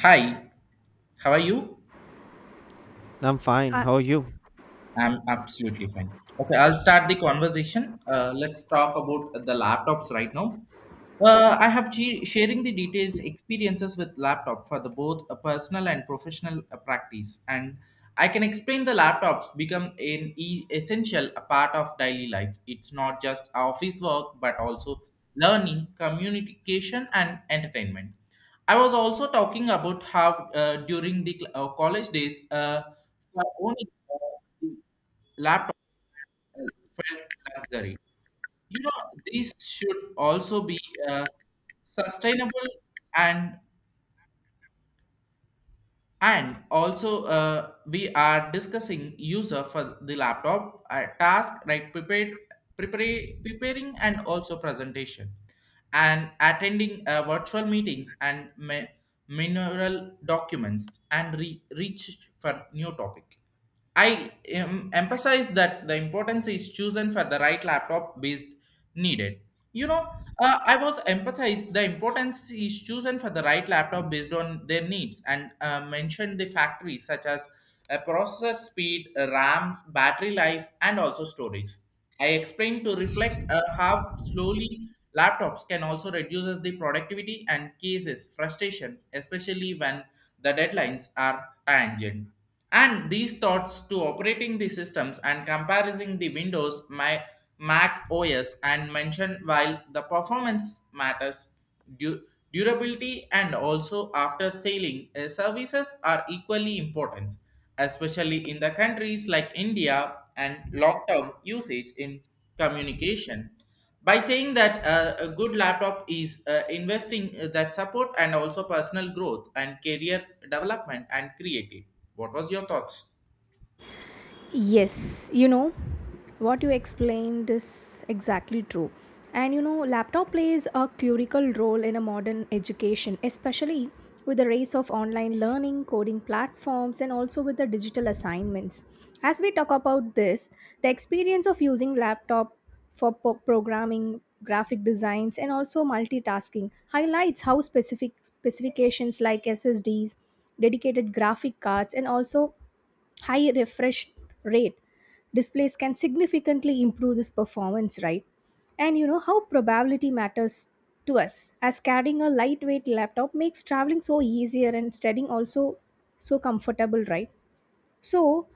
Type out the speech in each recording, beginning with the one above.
Hi, how are you? I'm fine. Uh, How are you? I'm absolutely fine. Okay, I'll start the conversation. Let's talk about the laptops right now. I have sharing the details experiences with laptop for the both a personal and professional practice, and I can explain the laptops become an essential a part of daily life. It's not just office work, but also learning, communication, and entertainment. I was also talking about how during the college days, for only uh, laptop felt luxury. You know, these should also be uh, sustainable and also we are discussing user for the laptop task right. prepared prepare, preparing and also presentation and attending virtual meetings and mineral documents and reach for new topic. I emphasize that the importance is chosen for the right laptop based needed. You know, I was emphasized the importance is chosen for the right laptop based on their needs and mentioned the factories such as processor speed, RAM, battery life, and also storage. I explained to reflect how slowly laptops can also reduces the productivity and cases frustration, especially when the deadlines are tangent. And these thoughts to operating the systems and comparing the Windows, my Mac OS, and mention while the performance matters, du- durability and also after selling services are equally important, especially in the countries like India and long-term usage in communication. By saying that a good laptop is investing that support and also personal growth and career development and creative. What was your thoughts? yes, you know, what you explained is exactly true. And you know, laptop plays a critical role in a modern education, especially with the rise of online learning, coding platforms, and also with the digital assignments. As we talk about this, the experience of using laptop for programming, graphic designs, and also multitasking highlights how specific specifications like SSDs, dedicated graphic cards, and also high refresh rate displays can significantly improve this performance, right? And you know how probability matters to us, as carrying a lightweight laptop makes traveling so easier and studying also so comfortable, right? So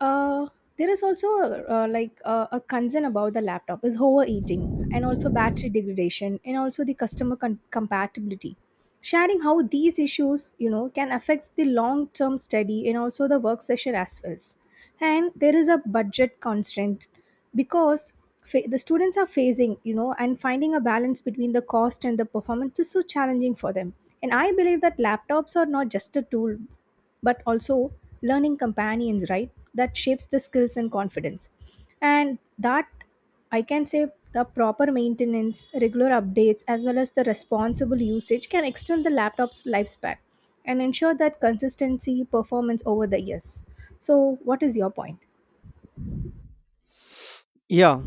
uh, there is also a concern about the laptop is overheating and also battery degradation and also the customer compatibility, sharing how these issues, you know, can affect the long term study and also the work session as well. And there is a budget constraint because the students are facing, you know, and finding a balance between the cost and the performance is so challenging for them. And I believe that laptops are not just a tool, but also learning companions, right? That shapes the skills and confidence. And that, I can say, the proper maintenance, regular updates, as well as the responsible usage can extend the laptop's lifespan and ensure that consistency performance over the years. So what is your point? Yeah,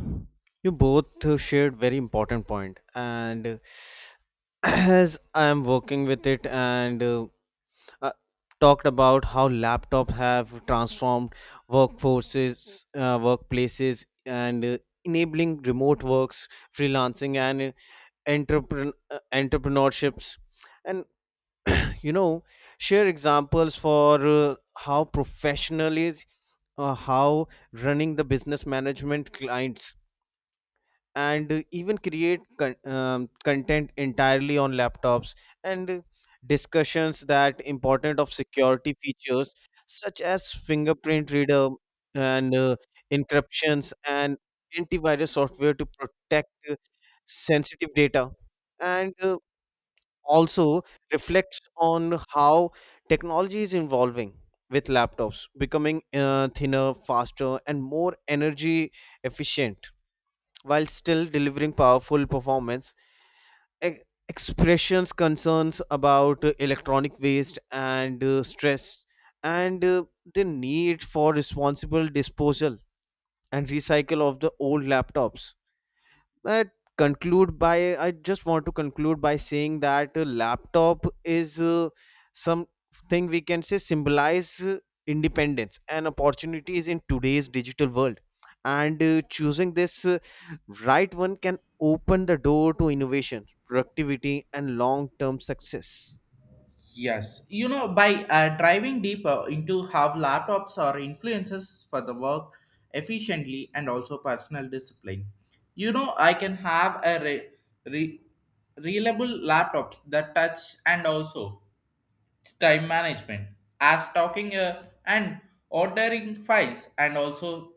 you both shared very important point, and as I am working with it and uh, talked about how laptops have transformed workforces, workplaces, and enabling remote works, freelancing, and entrepreneur entrepreneurships, and you know, share examples for how professional is, how running the business management clients and even content entirely on laptops and discussions that important of security features such as fingerprint reader and encryptions and antivirus software to protect sensitive data and also reflects on how technology is evolving with laptops becoming thinner faster and more energy efficient while still delivering powerful performance. E- Expressions concerns about electronic waste and stress and the need for responsible disposal and recycle of the old laptops. I I just want to conclude by saying that laptop is something we can say symbolize independence and opportunities in today's digital world, and choosing this right one can open the door to innovation productivity and long term success. Yes, you know, by driving deeper into how laptops are influences for the work efficiently and also personal discipline. You know, I can have a re- reliable laptops that touch and also time management as talking and ordering files and also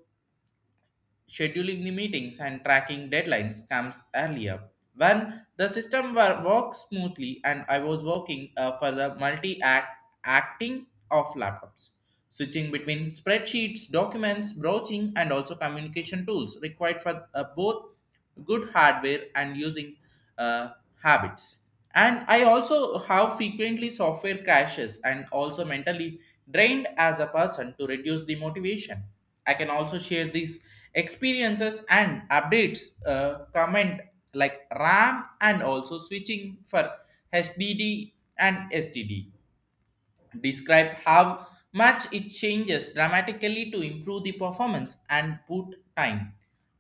scheduling the meetings and tracking deadlines comes earlier. When the system were, worked smoothly and I was working for the multi-acting of laptops. Switching between spreadsheets, documents, broaching, and also communication tools required for both good hardware and using uh, habits. And I also have frequently software crashes and also mentally drained as a person to reduce the motivation. I can also share these experiences and updates, comment like RAM and also switching for HDD and STD describe how much it changes dramatically to improve the performance and boot time.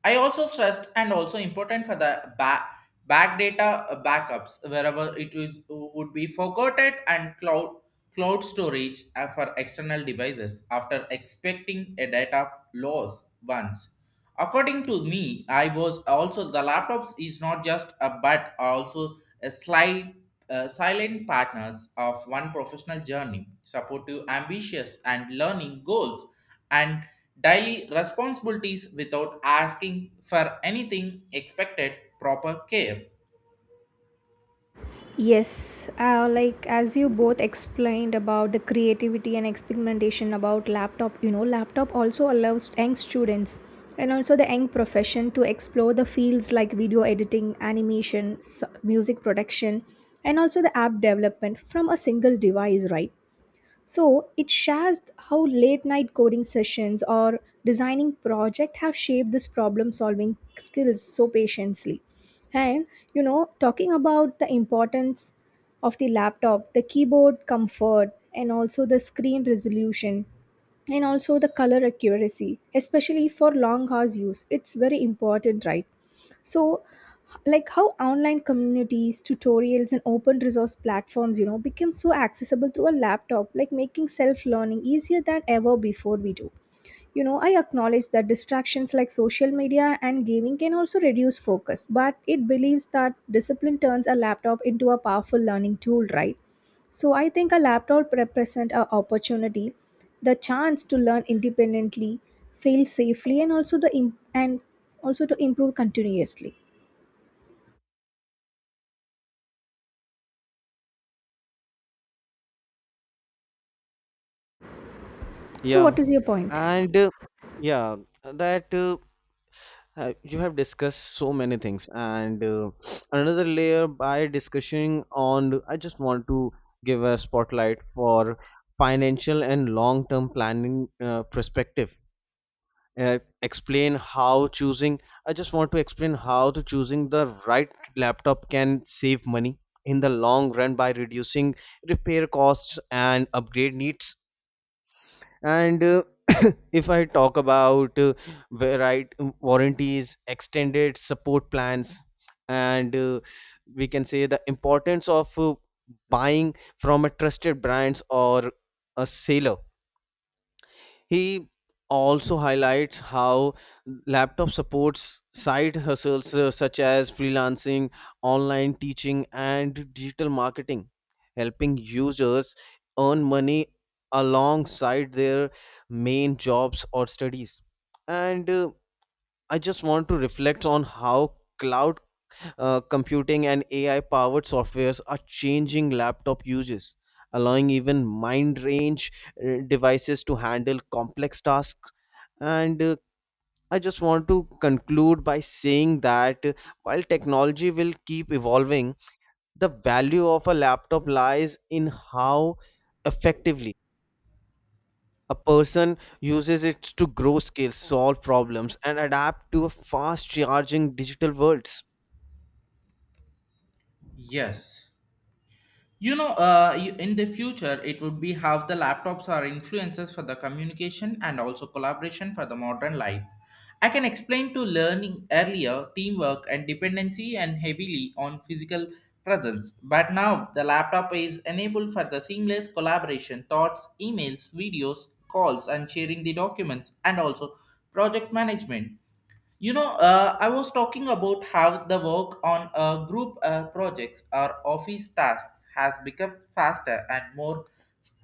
I also stressed and also important for the back data backups wherever it is, would be forgotten and cloud storage for external devices after expecting a data loss once. According to me, I was also the laptops is not just a but also a slight silent partners of one professional journey, supportive, ambitious, and learning goals, and daily responsibilities without asking for anything expected proper care. Yes, like as you both explained about the creativity and experimentation about laptop, you know, laptop also allows young students and also the young profession to explore the fields like video editing, animation, music production, and also the app development from a single device, right? So it shares how late night coding sessions or designing project have shaped this problem solving skills so patiently. And you know, talking about the importance of the laptop, the keyboard comfort, and also the screen resolution, and also the color accuracy, especially for long hours use, it's very important, right? So like how online communities, tutorials, and open resource platforms, you know, become so accessible through a laptop, like making self learning easier than ever before we do. You know, I acknowledge that distractions like social media and gaming can also reduce focus, but it believes that discipline turns a laptop into a powerful learning tool, right? So I think a laptop represents an opportunity, the chance to learn independently, fail safely, and also the im- and also to improve continuously. So, Yeah, what is your point? and yeah that you have discussed so many things, and another layer by discussing on. I just want to give a spotlight for financial and long-term planning perspective. Explain how choosing. I just want to explain how to choosing the right laptop can save money in the long run by reducing repair costs and upgrade needs and if I talk about warranties extended support plans and we can say the importance of buying from a trusted brands or a seller. He also highlights how laptop supports side hustles such as freelancing, online teaching, and digital marketing, helping users earn money alongside their main jobs or studies. And I just want to reflect on how cloud. Computing and AI powered softwares are changing laptop uses, allowing even mind range devices to handle complex tasks. And I just want to conclude by saying that while technology will keep evolving, the value of a laptop lies in how effectively a person uses it to grow skills, solve problems, and adapt to a fast charging digital world. Yes. You know, in the future, it would be how the laptops are influences for the communication and also collaboration for the modern life. I can explain to learning earlier teamwork and dependency and heavily on physical presence. But now the laptop is enabled for the seamless collaboration, thoughts, emails, videos, calls, and sharing the documents and also project management. You know, I was talking about how the work on group projects or office tasks has become faster and more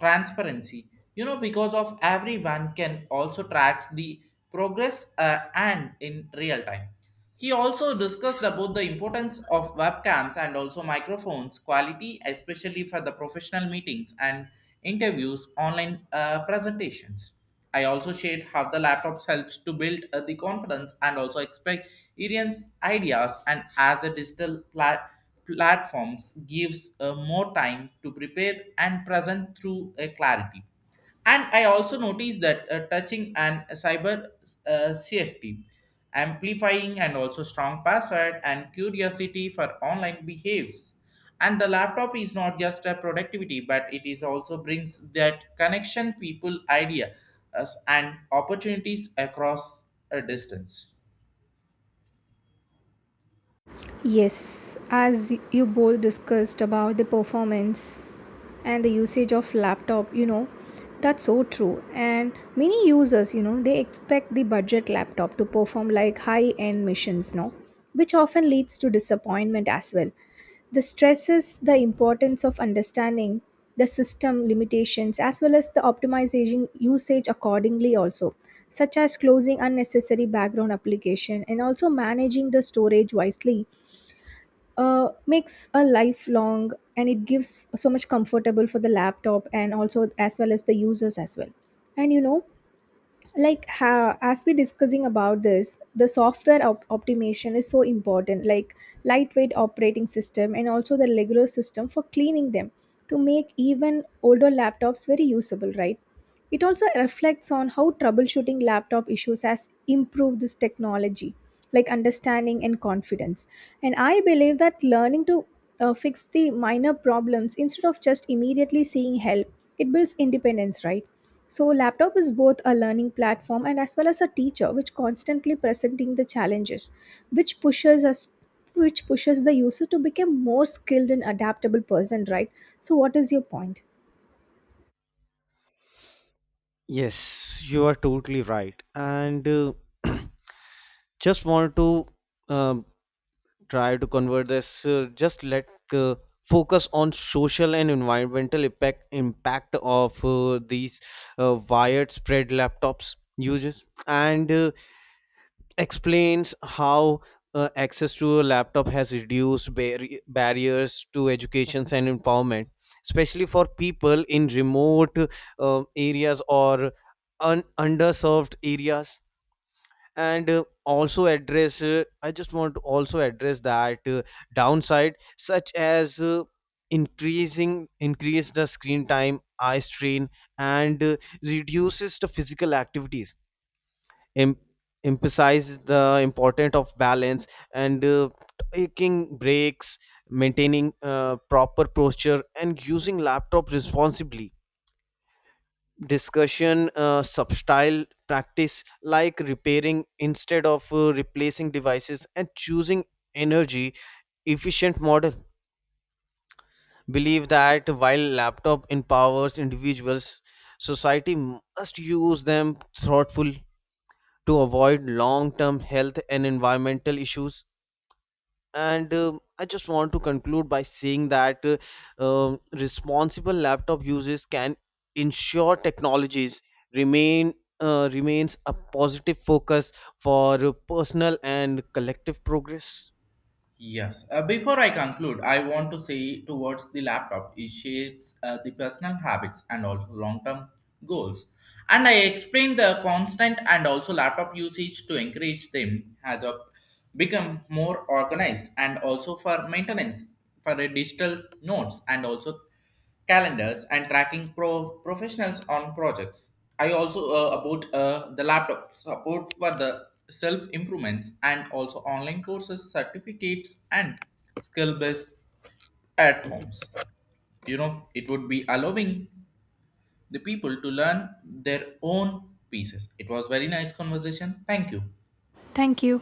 transparency. You know, because of everyone can also track the progress and in real time. He also discussed about the importance of webcams and also microphones quality, especially for the professional meetings and interviews, online presentations. I also shared how the laptops helps to build the confidence and also experience ideas and as a digital platforms gives more time to prepare and present through a clarity. And I also noticed that touching and cyber safety, amplifying and also strong password and curiosity for online behaves. And the laptop is not just a productivity, but it is also brings that connection, people, idea, us and opportunities across a distance. Yes, as you both discussed about the performance and the usage of laptop, you know, that's so true. And many users, you know, they expect the budget laptop to perform like high-end missions, no, which often leads to disappointment as well. This stresses the importance of understanding the system limitations as well as the optimization usage accordingly, also such as closing unnecessary background application and also managing the storage wisely. Makes a lifelong and it gives so much comfortable for the laptop and also as well as the users as well. And you know, like as we discussing about this, the software optimization is so important, like lightweight operating system and also the regular system for cleaning them to make even older laptops very usable, right? It also reflects on how troubleshooting laptop issues has improved this technology, like understanding and confidence. And I believe that learning to fix the minor problems instead of just immediately seeking help, it builds independence, right? So laptop is both a learning platform and as well as a teacher, which constantly presenting the challenges, which pushes us which pushes the user to become more skilled and adaptable person, right? So what is your point? Yes, you are totally right. And just want to um, try to convert this. Just let uh, focus on social and environmental impact of these wired spread laptops uses. And explains how access to a laptop has reduced barriers to educations and empowerment, especially for people in remote areas or underserved areas. And also address, I just want to also address that downside, such as increasing increase the screen time, eye strain, and reduces the physical activities. em- Emphasize the importance of balance and taking breaks maintaining proper posture and using laptop responsibly. Discussion substyle practice like repairing instead of replacing devices and choosing energy efficient model. Believe that while laptop empowers individuals society must use them thoughtful to avoid long term health and environmental issues. And I just want to conclude by saying that responsible laptop uses can ensure technologies remain remains a positive focus for personal and collective progress. Yes. Before I conclude, I want to say towards the laptop, it shapes the personal habits and also long-term goals. And I explained the constant and also laptop usage to encourage them has a, become more organized and also for maintenance for a digital notes and also calendars and tracking professionals on projects. I also about the laptop support for the self improvements and also online courses, certificates, and skill based platforms. You know, it would be allowing the people to learn their own pieces. It was very nice conversation. Thank you. Thank you.